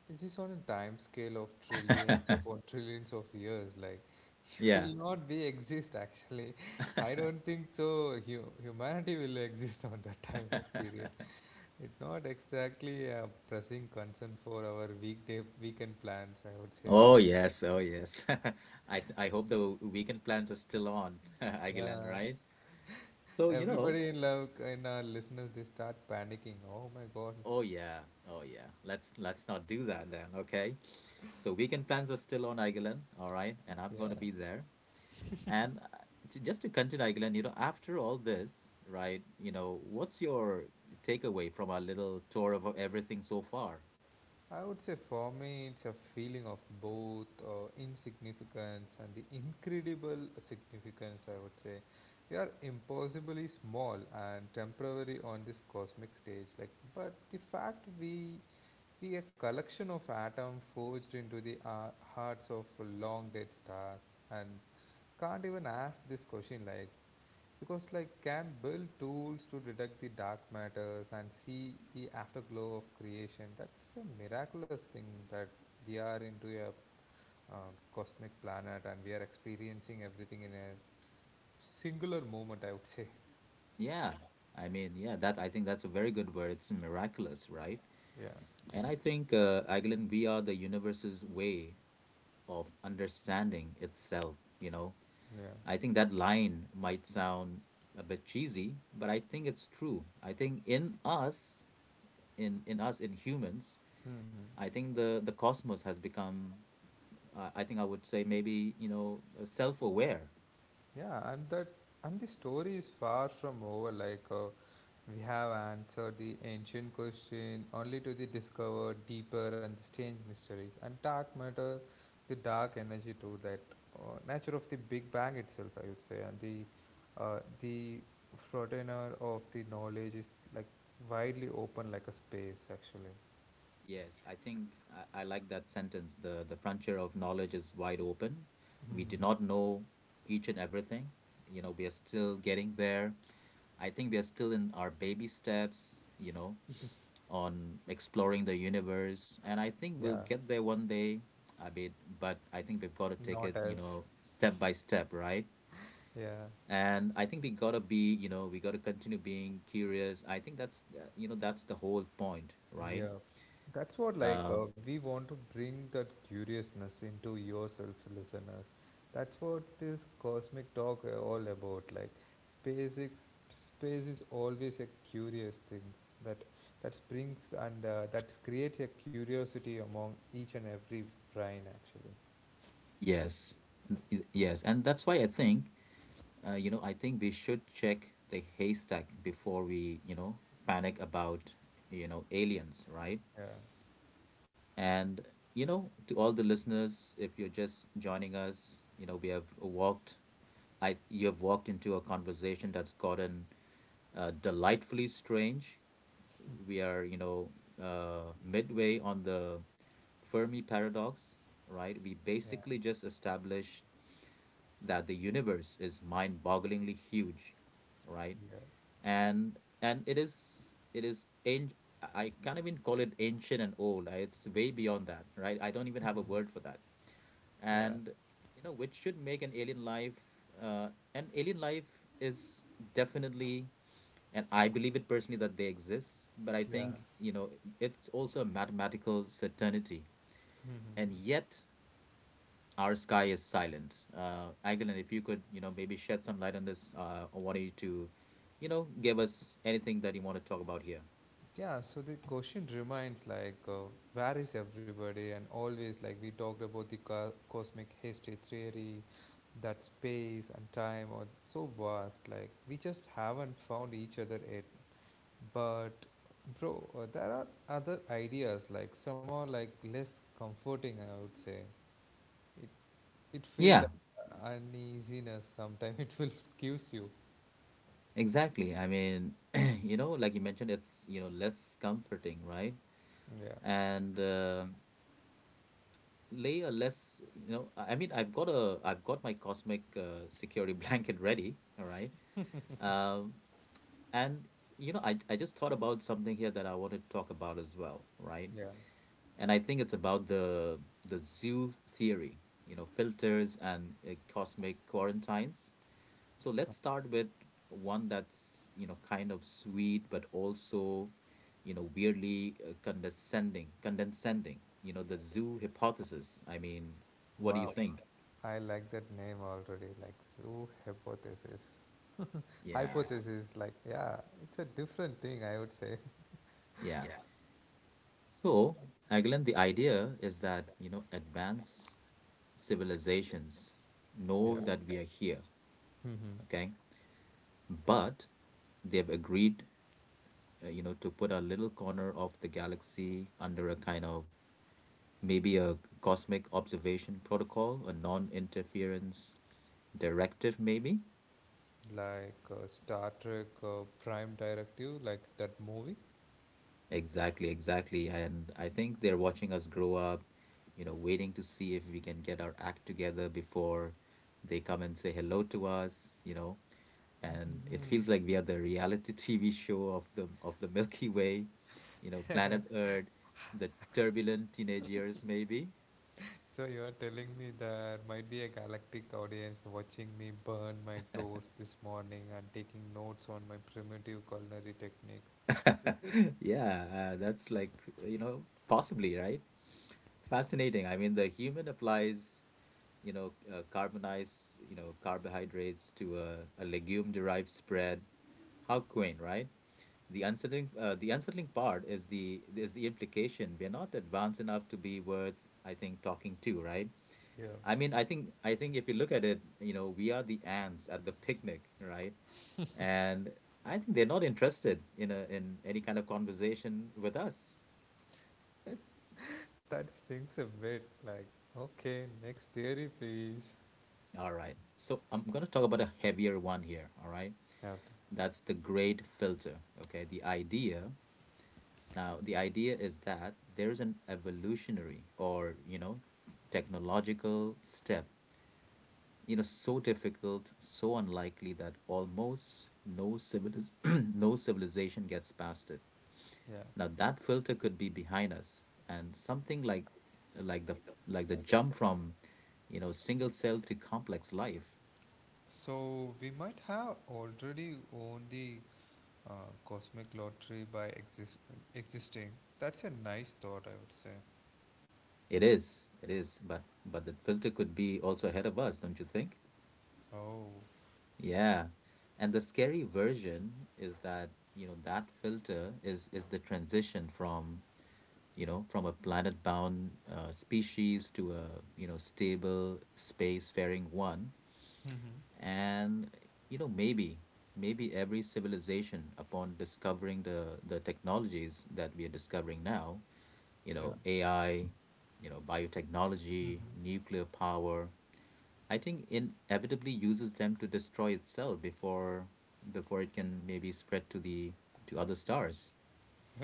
on a time scale of trillions that? (laughs) upon (laughs) trillions of years. Like, (laughs) Yeah. will not be exist actually. (laughs) I don't think so. Humanity will exist on that (laughs) time of period. (laughs) It's not exactly a pressing concern for our weekday weekend plans, I would say. Oh yes, oh yes. (laughs) I hope the weekend plans are still on, (laughs) Aguilan, Yeah, right? So, you know, everybody in love in our listeners they start panicking. Oh my God. oh yeah, oh yeah. Let's not do that then, okay? So weekend plans are still on, Aguilan, all right? And I'm going Yeah, to be there. And uh, just to continue, Aguilan, you know, after all this, right? You know, what's your takeaway from our little tour of everything so far? I would say for me it's a feeling of both insignificance and the incredible significance, I would say. We are impossibly small and temporary on this cosmic stage. Like, but the fact we be a collection of atoms forged into the hearts of a long dead star, and can't even ask this question, like, because, like, can build tools to detect the dark matters and see the afterglow of creation. That's a miraculous thing, that we are into a uh, cosmic planet, and we are experiencing everything in a singular moment, I would say. Yeah. I mean, yeah, that I think that's a very good word. It's miraculous, right? (laughs) Yeah. And I think, Agilan, we are the universe's way of understanding itself, you know. Yeah. I think that line might sound a bit cheesy, but I think it's true. I think in us, in us, in humans, Hmm. I think the cosmos has become, I think I would say maybe, you know, self-aware. Yeah, and the story is far from over. Like, we have answered the ancient question only to the discover deeper and strange mysteries, and dark matter, the dark energy too. That nature of the Big Bang itself, I would say. And the uh, the frontier of the knowledge is, like, widely open, like a space actually. Yes, I think I like that sentence. The frontier of knowledge is wide open. We do not Hmm. know each and everything. You know, we are still getting there. I think we are still in our baby steps, you know, on exploring the universe. And I think Yeah, we'll get there one day, I mean, but I think we've got to take not it, you as, know, step by step, right? yeah. And I think we got to be, you know, we got to continue being curious. I think that's, you know, that's the whole point, right? Yeah, that's what, Uh, we want to bring that curiousness into yourself, listener. That's what this cosmic talk all about. Like, space, is, space is always a curious thing, that springs and, that creates a curiosity among each and every brain actually. yes. Yes. And that's why I think, you know, I think we should check the haystack before we, you know, panic about, you know, aliens, right? Yeah, And, you know, to all the listeners, if you're just joining us, you know, we have you have walked into a conversation that's gotten delightfully strange. We are, you know, midway on the Fermi paradox, right? We yeah, basically just established that the universe is mind bogglingly huge, right? yeah. And it is an- I can't even call it ancient and old. It's way beyond that, right? I don't even have a Mhm. word for that. Yeah, And you know, which should make an alien life. An alien life is definitely, and I believe it personally that they exist. But I yeah. think, you know, it's also a mathematical certainty, Mhm. and yet our sky is silent. Aguilan, if you could, you know, maybe shed some light on this. I want you to, you know, give us anything that you want to talk about here. Yeah, so the question remains, like, where is everybody? And always, like, we talked about the cosmic history theory, that space and time are so vast. Like, we just haven't found each other yet. But, bro, there are other ideas, like, some are like less comforting, I would say. It, it feels like Yeah, uneasiness sometimes. (laughs) It will gives you. exactly. I mean, (clears throat) you know, like you mentioned, it's, you know, less comforting, right? Yeah, And layer less, you know, I mean, I've I've got my cosmic security (laughs) blanket ready, all right? Um, and, you know, I just thought about something here that I want to talk about as well, right? yeah. And I think it's about the zoo theory, you know, filters and cosmic quarantines. So let's start with one that's, you know, kind of sweet, but also, you know, weirdly condescending, you know, the zoo hypothesis. I mean, what do you Wow, think? I like that name already. Like zoo hypothesis, Yeah, hypothesis. Like, yeah, it's a different thing, I would say. (laughs) yeah. So, Agilan, the idea is that, you know, advanced civilizations Yeah. know that we are here, Hmm. okay? But they've agreed, you know, to put a little corner of the galaxy under a kind of maybe a cosmic observation protocol, a non-interference directive, maybe. Like, Star Trek, Prime Directive, like that movie. Exactly, exactly. And I think they're watching us grow up, you know, waiting to see if we can get our act together before they come and say hello to us, you know. And it Mhm. feels like we are the reality (laughs) TV show of the Milky Way, you know, planet Earth, the turbulent teenage years, maybe. (laughs) So you are telling me there might be a galactic audience watching me burn my toast this morning and taking notes on my primitive culinary techniques. (laughs) Yeah, that's like, you know, possibly, right? Fascinating. I mean, the human applies, you know, carbonized, you know, carbohydrates to a legume-derived spread. How quaint, right? The unsettling part is the implication. We're not advanced enough to be worth, I think, talking to, right? Yeah, I mean, I think if you look at it, you know, we are the ants at the picnic, right? And I think they're not interested in a in any kind of conversation with us. that stings a bit. Like, okay, next theory, please. All right. So I'm going to talk about a heavier one here, all right? Have That's the great filter. Okay. The idea now, the idea is that there is an evolutionary or, you know, technological step, you know, so difficult, so unlikely that almost no civiliz (clears throat) no civilization gets past it. Yeah. Now that filter could be behind us and something like like the the jump from, you know, single cell to complex life. So we might have already won the uh, cosmic lottery by existing. That's a nice thought, I would say. It is, but the filter could be also ahead of us, don't you think? Oh. Yeah. And the scary version is that, you know, that filter is the transition from, you know, from a planet-bound species to a, you know, stable space-faring one. Mm-hmm. And, you know, maybe every civilization upon discovering the technologies that we are discovering now, you Yeah. know, AI, you know, biotechnology, Mm-hmm. nuclear power, I think inevitably uses them to destroy itself before it can maybe spread to the to other stars.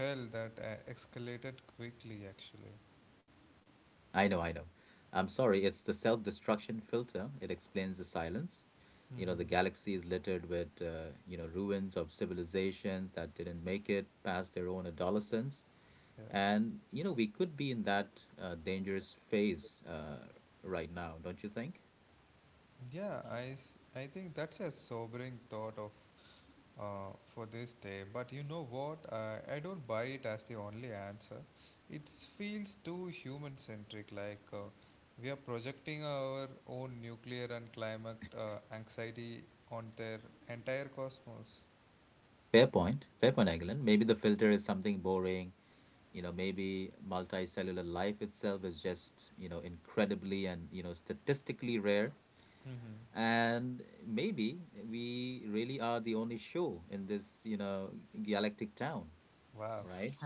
Well, that escalated quickly, actually. I know, I know. I'm sorry, it's the self-destruction filter. It explains the silence. You know, the Mm-hmm. galaxy is littered with you know, ruins of civilizations that didn't make it past their own adolescence, Yeah. and you know we could be in that dangerous phase right now, don't you think? Yeah, I think that's a sobering thought of for this day. But you know what? I don't buy it as the only answer. It feels too human centric, like, we are projecting our own nuclear and climate anxiety on their entire cosmos. Fair point, Agilan. Maybe the filter is something boring. You know, maybe multicellular life itself is just, you know, incredibly and, you know, statistically rare. Mm-hmm. And maybe we really are the only show in this, you know, galactic town, Wow. (laughs) right?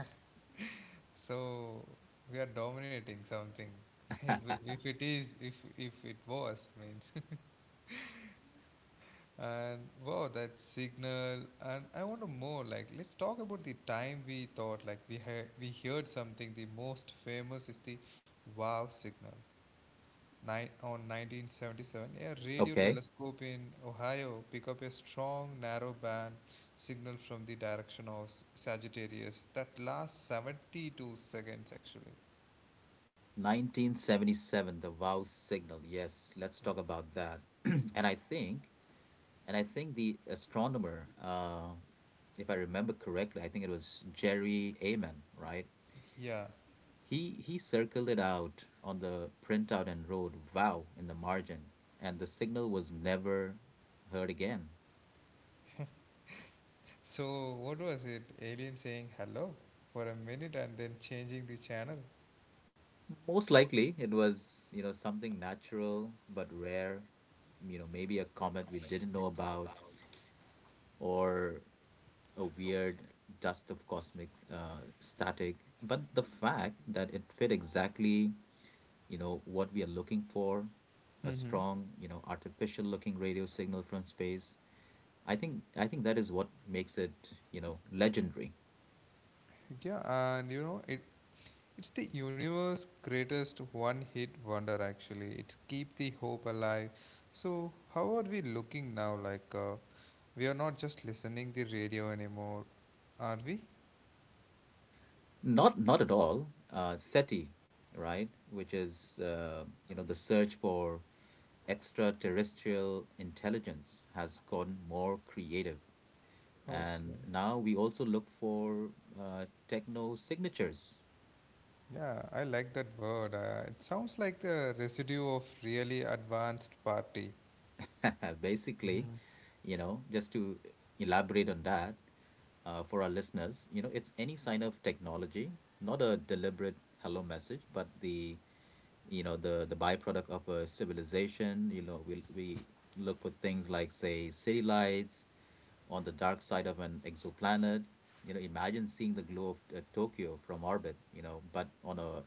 So we are dominating something. (laughs) It will, if it is, if it was means. And wow, that signal. And I want to more, like, let's talk about the time we thought like we heard something. The most famous is the wow signal. Nine on 1977, a radio Okay. telescope in Ohio pick up a strong narrow band signal from the direction of Sagittarius that lasts 72 seconds actually. 1977, the wow signal. Yes, let's Yeah. talk about that. (clears throat) And I think the astronomer, if I remember correctly, I think it was Jerry Amen, right? Yeah. He circled it out on the printout and wrote "Wow" in the margin, and the signal was never heard again. So what was it? Alien saying hello for a minute and then changing the channel. Most likely, it was, you know, something natural but rare, you know, maybe a comet we didn't know about or a weird dust of cosmic static. But the fact that it fit exactly, you know, what we are looking for, a Mm-hmm. strong, you know, artificial looking radio signal from space, I think that is what makes it, you know, legendary. Yeah, and you know, it's the universe greatest one-hit wonder actually. It's keep the hope alive. So, how are we looking now? Like, we are not just listening the radio anymore, are we? Not not at all. SETI, right? Which is you know, the search for extraterrestrial intelligence has gotten more creative, Okay. and now we also look for techno signatures. Yeah, I like that word. It sounds like the residue of really advanced party. (laughs) Basically, Mhm. you know, just to elaborate on that for our listeners, you know, it's any sign of technology, not a deliberate hello message, but the you know the byproduct of a civilization. You know, we look for things like say city lights on the dark side of an exoplanet, you know, imagine seeing the glow of Tokyo from orbit, you know, but on a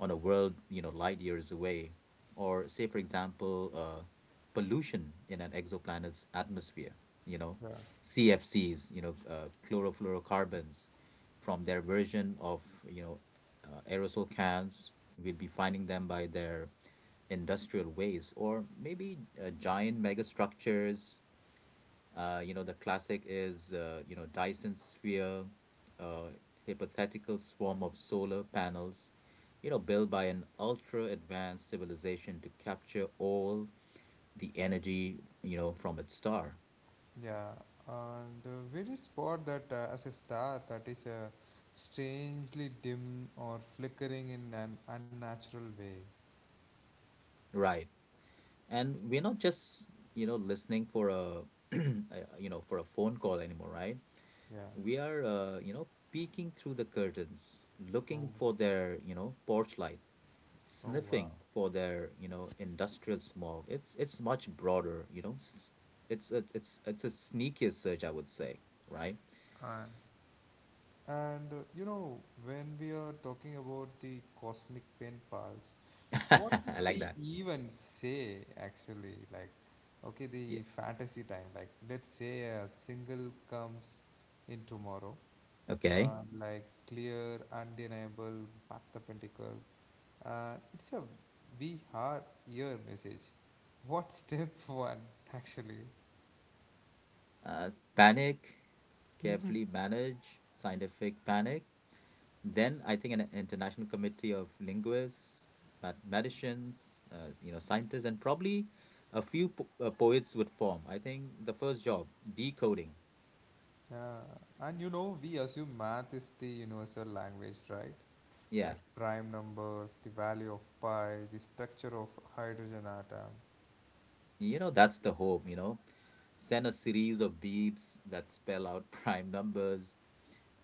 on a world, you know, light years away, or say for example pollution in an exoplanet's atmosphere, you know, Yeah. CFCs, you know, chlorofluorocarbons from their version of, you know, aerosol cans. We'll be finding them by their industrial ways, or maybe giant megastructures. You know, the classic is, you know, Dyson sphere, uh, hypothetical swarm of solar panels. You know, built by an ultra advanced civilization to capture all the energy, you know, from its star. Yeah, and we did spot that as a star that is strangely dim or flickering in an unnatural way. Right. And we're not just, you know, listening for a (clears throat) you know, for a phone call anymore, right? Yeah. We are, you know, peeking through the curtains, Oh, looking for their, you know, porch light, oh wow. sniffing for their, you know, industrial smog. It's much broader, you know, it's a sneakier search, I would say, right? And, and you know, when we are talking about the cosmic pen pals, what would (laughs) I like we that. even say actually? Like, okay, the Yeah. fantasy time. Like, let's say a single comes in tomorrow, Okay. Like clear, undeniable, back to pentacle. And tickle. It's a we are here message. What (laughs) step one actually? uh, panic. Carefully (laughs) manage scientific panic. Then I think an international committee of linguists, mathematicians, you know, scientists, and probably a few po poets would form. I think the first job, decoding. Yeah, and you know, we assume math is the universal language, right? Yeah, Like prime numbers, the value of pi, the structure of hydrogen atom. you know, that's the hope, you know. Send a series of beeps that spell out (laughs) prime numbers.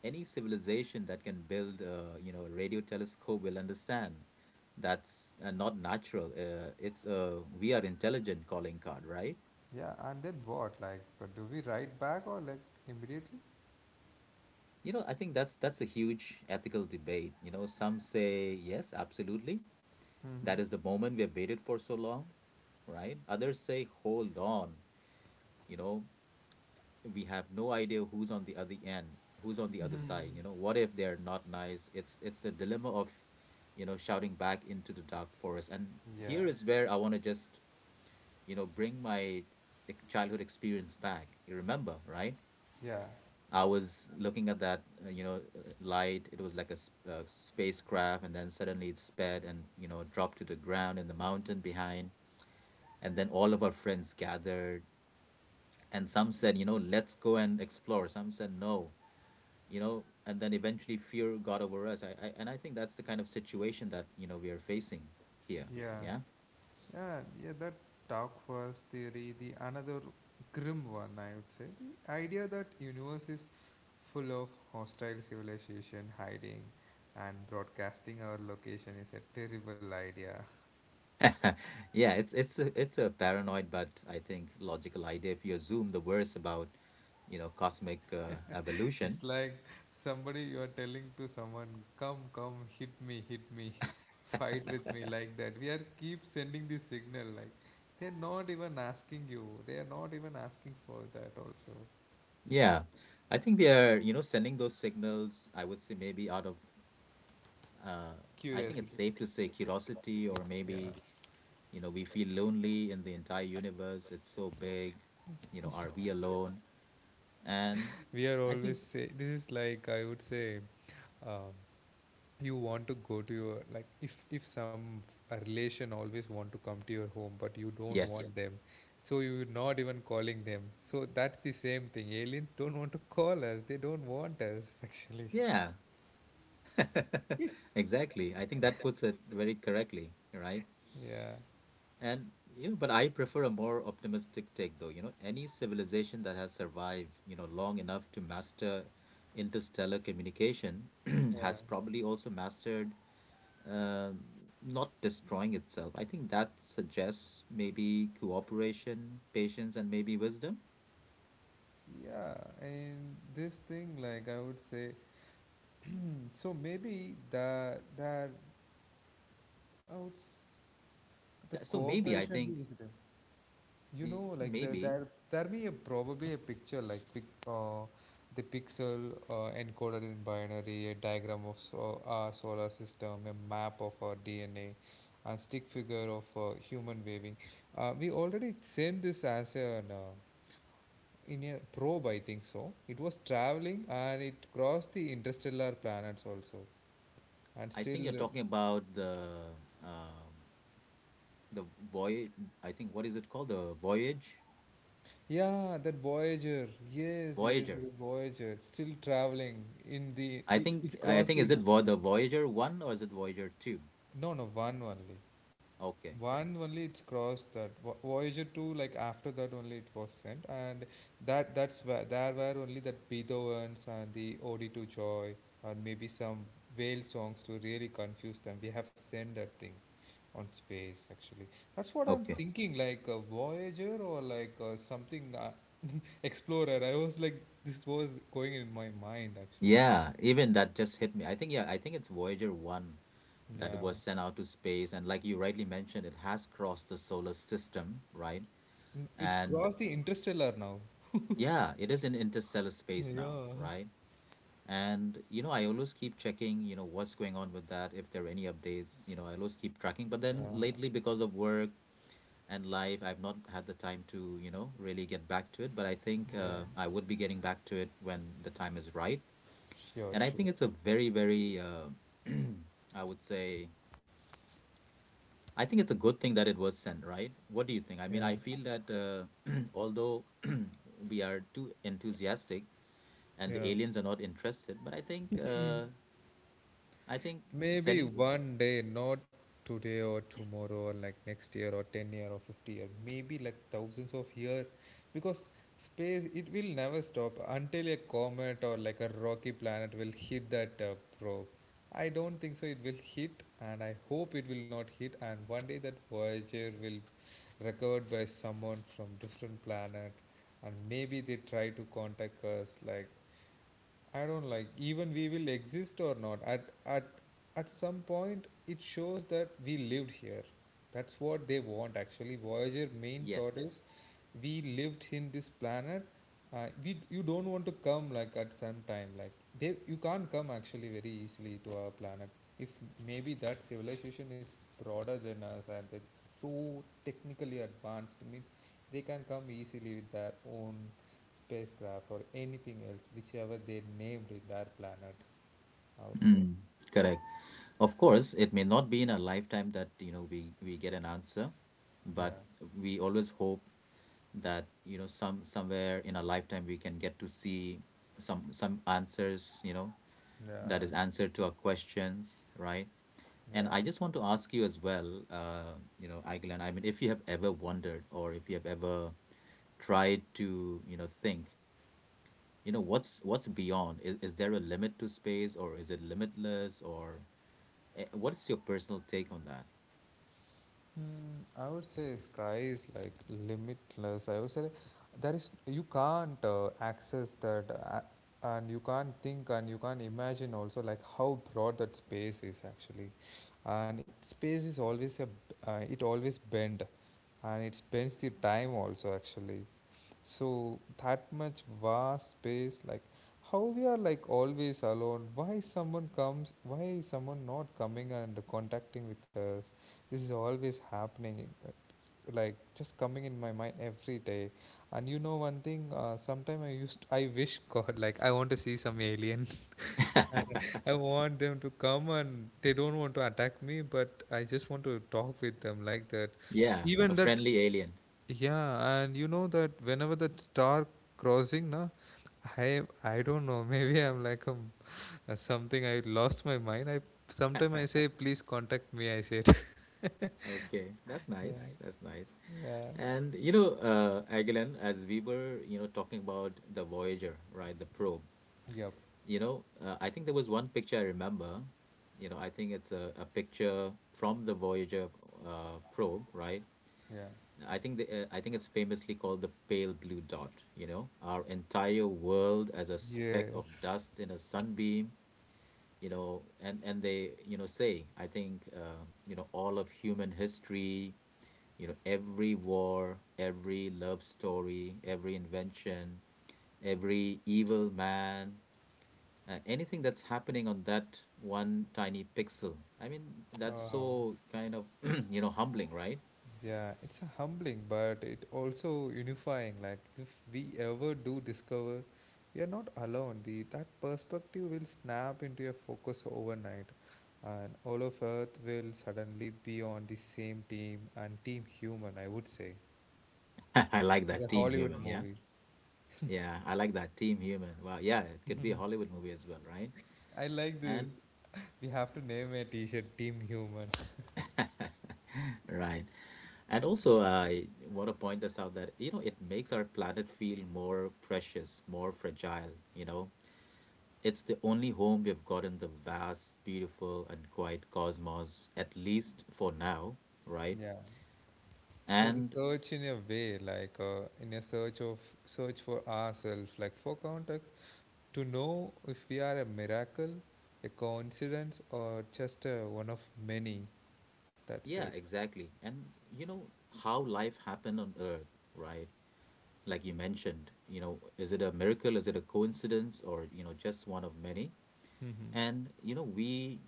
Any civilization that can build, you know, a radio telescope will understand that's not natural. It's a we are intelligent calling card, right? Yeah, and then what? Like, do we write back or like immediately? You know, I think that's a huge ethical debate. You know, some say yes, absolutely. Mm-hmm. That is the moment we have waited for so long, right? Others say, hold on, you know, we have no idea who's on the other end, who's on the other side, you know. (laughs) What if they're not nice? It's the dilemma of, you know, shouting back into the dark forest. And Yeah, here is where I want to just, you know, bring my childhood experience back. You remember, right? yeah, I was looking at that, you know, light. It was like a spacecraft, and then suddenly it sped and, you know, dropped to the ground in the mountain behind. And then all of our friends gathered, and some said, you know, let's go and explore. Some said no, you know, and then eventually fear got over us. I and I think that's the kind of situation that, you know, we are facing here. yeah. Yeah. Yeah, yeah, that dark forest theory, the another grim one, I would say. The idea that universe is full of hostile civilization hiding and broadcasting our location is a terrible idea. (laughs) Yeah, it's a paranoid but I think logical idea. If you assume the worst about, you know, cosmic (laughs) evolution. It's like somebody you are telling to someone, come, come, hit me, (laughs) fight with me like that. We are keep sending this signal, like they're not even asking you. They are not even asking for that also. Yeah, I think we are, you know, sending those signals. I would say maybe out of, uh, I think it's Curiosity. safe to say curiosity, or Yeah. maybe, you know, we feel lonely in the entire universe. It's so big, you know, are we alone? And We are I always think, say this is, like, I would say, um, you want to go to your, like, if some a relation always want to come to your home but you don't want, yes, yes, them, so you're not even calling them, so that's the same thing, aliens don't want to call us, they don't want us, (laughs) actually. yeah, (laughs) exactly. I think that puts it very correctly, right? Yeah, And you know, but I prefer a more optimistic take though. You know, any civilization that has survived, you know, long enough to master interstellar communication (clears throat) has yeah, probably also mastered um, not destroying itself. I think that suggests maybe cooperation, patience, and maybe wisdom. yeah, and this thing, like, I would say, hmm, so maybe that, i would s- that So maybe I cooperation, think, you yeah, know, I think like maybe there may a, probably a picture like, the pixel encoded in binary, a diagram of, so, our solar system, a map of our DNA, and stick figure of human waving. We already sent this as an, in a probe, I think. So it was traveling and it crossed the interstellar planets also, and I think still. you're talking about um, the voyage. I think what is it called? The voyage, Yeah, that Voyager. Yes, yes, Voyager. the Voyager. Still traveling in the. I It, think it I think crossed is the it Vo the interstellar. Voyager 1 or is it Voyager 2? No, no, one only. Okay. One only it's crossed that. Voyager 2, like after that only it was sent. And that's where there were only that Beethoven's and the Ode to Joy, and maybe some whale songs to really confuse them. We have sent that thing on space actually. That's what I'm Okay. thinking, like a Voyager, or like something. Explorer. I was like, this was going in my mind actually. Yeah, even that just hit me. I think yeah, I think it's Voyager 1 that Yeah, was sent out to space, and like you rightly mentioned, it has crossed the solar system, right? It's And crossed the Interstellar now. yeah, it is in interstellar space now, Yeah. right? And you know, I always keep checking, you know, what's going on with that, if there are any updates, you know, I always keep tracking. But Yeah. then lately because of work and life, I've not had the time to, you know, really get back to it, but I think Yeah. I would be getting back to it when the time is right. Sure. And I think Sure. it's a very, very, (clears throat) I would say, I think it's a good thing that it was sent, right? What do you think? I mean, Yeah. I feel that (clears throat) although (clears throat) we are too enthusiastic and Yeah. the aliens are not interested, but I think Maybe selling, one day, not today or tomorrow, or like next year, or 10 year or 50-year, maybe like thousands of years, because space, it will never stop until a comet or like a rocky planet will hit that probe. I don't think so it will hit, and I hope it will not hit, and one day that Voyager will recovered by someone from different planet, and maybe they try to contact us, like. I don't, like, even we will exist or not. At some point it shows that we lived here. That's what they want actually. Voyager main thought yes. is, we lived in this planet. We You don't want to come, like at some time, like, they, you can't come actually very easily to our planet. If maybe that civilization is broader than us and they're so technically advanced, I mean, they can come easily with their own spacecraft or anything else, whichever they named in their planet, I would say. Mm, correct. Of course, it may not be in our lifetime that, you know, we get an answer, Yeah, but we always hope that, you know, some somewhere in our lifetime we can get to see some answers, you know, that yeah, is answered to our questions, right? And I yeah. just want to ask you as well, you know, Aiglan, I mean, if you have ever wondered or if you have ever tried to, you know, think, you know, what's beyond? Is there a limit to space, or is it limitless, or what is your personal take on that? Mm, I would say sky is like limitless, I would say. There is, you can't access that, and you can't think and you can't imagine also, like how broad that space is actually, and space is always it always bend, and it bends the time also actually. So that much vast space, like, how we are like always alone, why someone comes, why is someone not coming and contacting with us, this is always happening, like just coming in my mind every day. And you know one thing, sometime I wish, (laughs) god, like I want to see some alien (laughs) and (laughs) I want them to come, and they don't want to attack me, but I just want to talk with them, like that. Yeah, a Even that, friendly alien. yeah, and you know that whenever the star crossing, na, I don't know. (laughs) Maybe I'm like a, (laughs) something. I lost my mind. I Sometimes I say, please contact me. I said, (laughs) Okay, that's nice. That's nice. Yeah. And you know, Aguilan, as we were, you know, talking about the Voyager, right, the probe, Yeah, yep, you know, I think there was one picture I remember. You know, I think it's a picture from the Voyager probe, right? yeah. I think the, I think it's famously called the pale blue dot, you know, our entire world as a speck Yes. of dust in a sunbeam, you know. And they, you know, say I think, you know, all of human history, you know, every war, every love story, every invention, every evil man, anything that's happening on that one tiny pixel, I mean, that's Oh. so kind of, (clears throat) you know, humbling, right? Yeah, it's a humbling, but it also unifying. Like if we ever do discover we are not alone, the that perspective will snap into a focus overnight, and all of Earth will suddenly be on the same team, and team human, I would say, (laughs) I like like a that, team Hollywood human. Yeah, movie. yeah, I like that team human. Well, yeah, it could be a Hollywood movie as well, right? I like this. And We have to name a T-shirt Team Human. (laughs) right. And also, I want to point this out, that, you know, it makes our planet feel more precious, more fragile, you know. It's the only home we've got in the vast, beautiful, and quiet cosmos, at least for now, right? Yeah. So the And search, in a way, like, in a search for ourselves, like for context, to know if we are a miracle, a coincidence, or just one of many. That's yeah, it. exactly. And you know how life happened on Earth, right? Like you mentioned, you know, is it a miracle? Is it a coincidence or, you know, just one of many? Mm-hmm. And, you know, we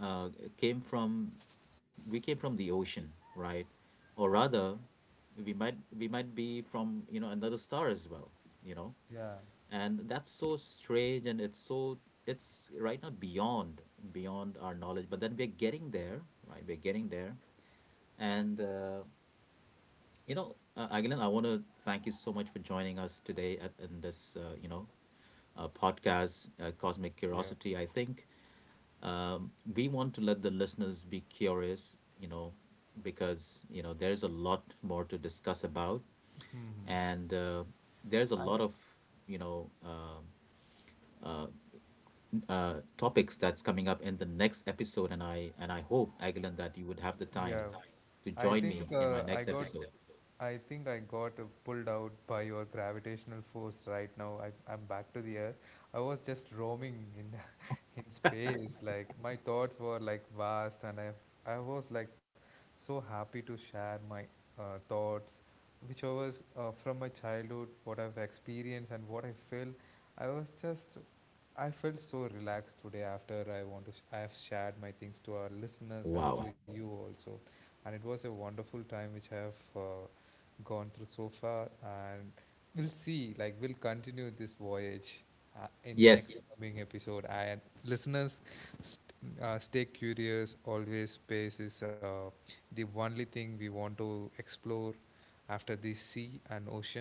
uh, came from, we came from the ocean, right? Or rather, we might be from, you know, another star as well, you know. Yeah. And that's so strange, and it's so, it's right now beyond, beyond our knowledge. But then we're getting there, right? We're getting there, and you know, Agilan, I want to thank you so much for joining us today at in this you know, podcast, Cosmic Yeah. Curiosity. I think we want to let the listeners be curious, you know, because, you know, there's a lot more to discuss about. Mm-hmm. And there's a lot of, you know, uh, topics that's coming up in the next episode. And I hope, Agilan, that you would have the time Yeah. to I join me think in my next episode. I think I got pulled out by your gravitational force right now. I'm back to the earth. I was just roaming in space. Like my thoughts were like vast, and I was like so happy to share my thoughts, which I was, from my childhood, what I've experienced and what I felt. I was just I felt so relaxed today after I want to I have shared my things to our listeners, and to, Wow. Wow, you also, and it was a wonderful time which I have gone through so far, and we'll see, like we'll continue this voyage in next, yeah, Yes. coming episode. And listeners, st- stay curious. Always space is the only thing we want to explore after the sea and ocean,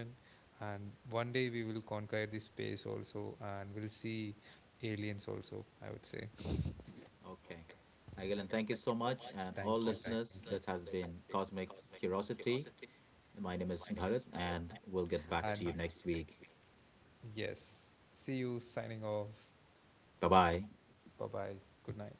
and one day we will conquer the space also, and we'll see aliens also, I would say. Okay. Agilan, thank you so much. And Thank all you, thank listeners, this has you, been Cosmic Curiosity. My name is Bharat, and we'll get back and to you next week. yes, see you signing off. 拜拜。Bye bye. Good night.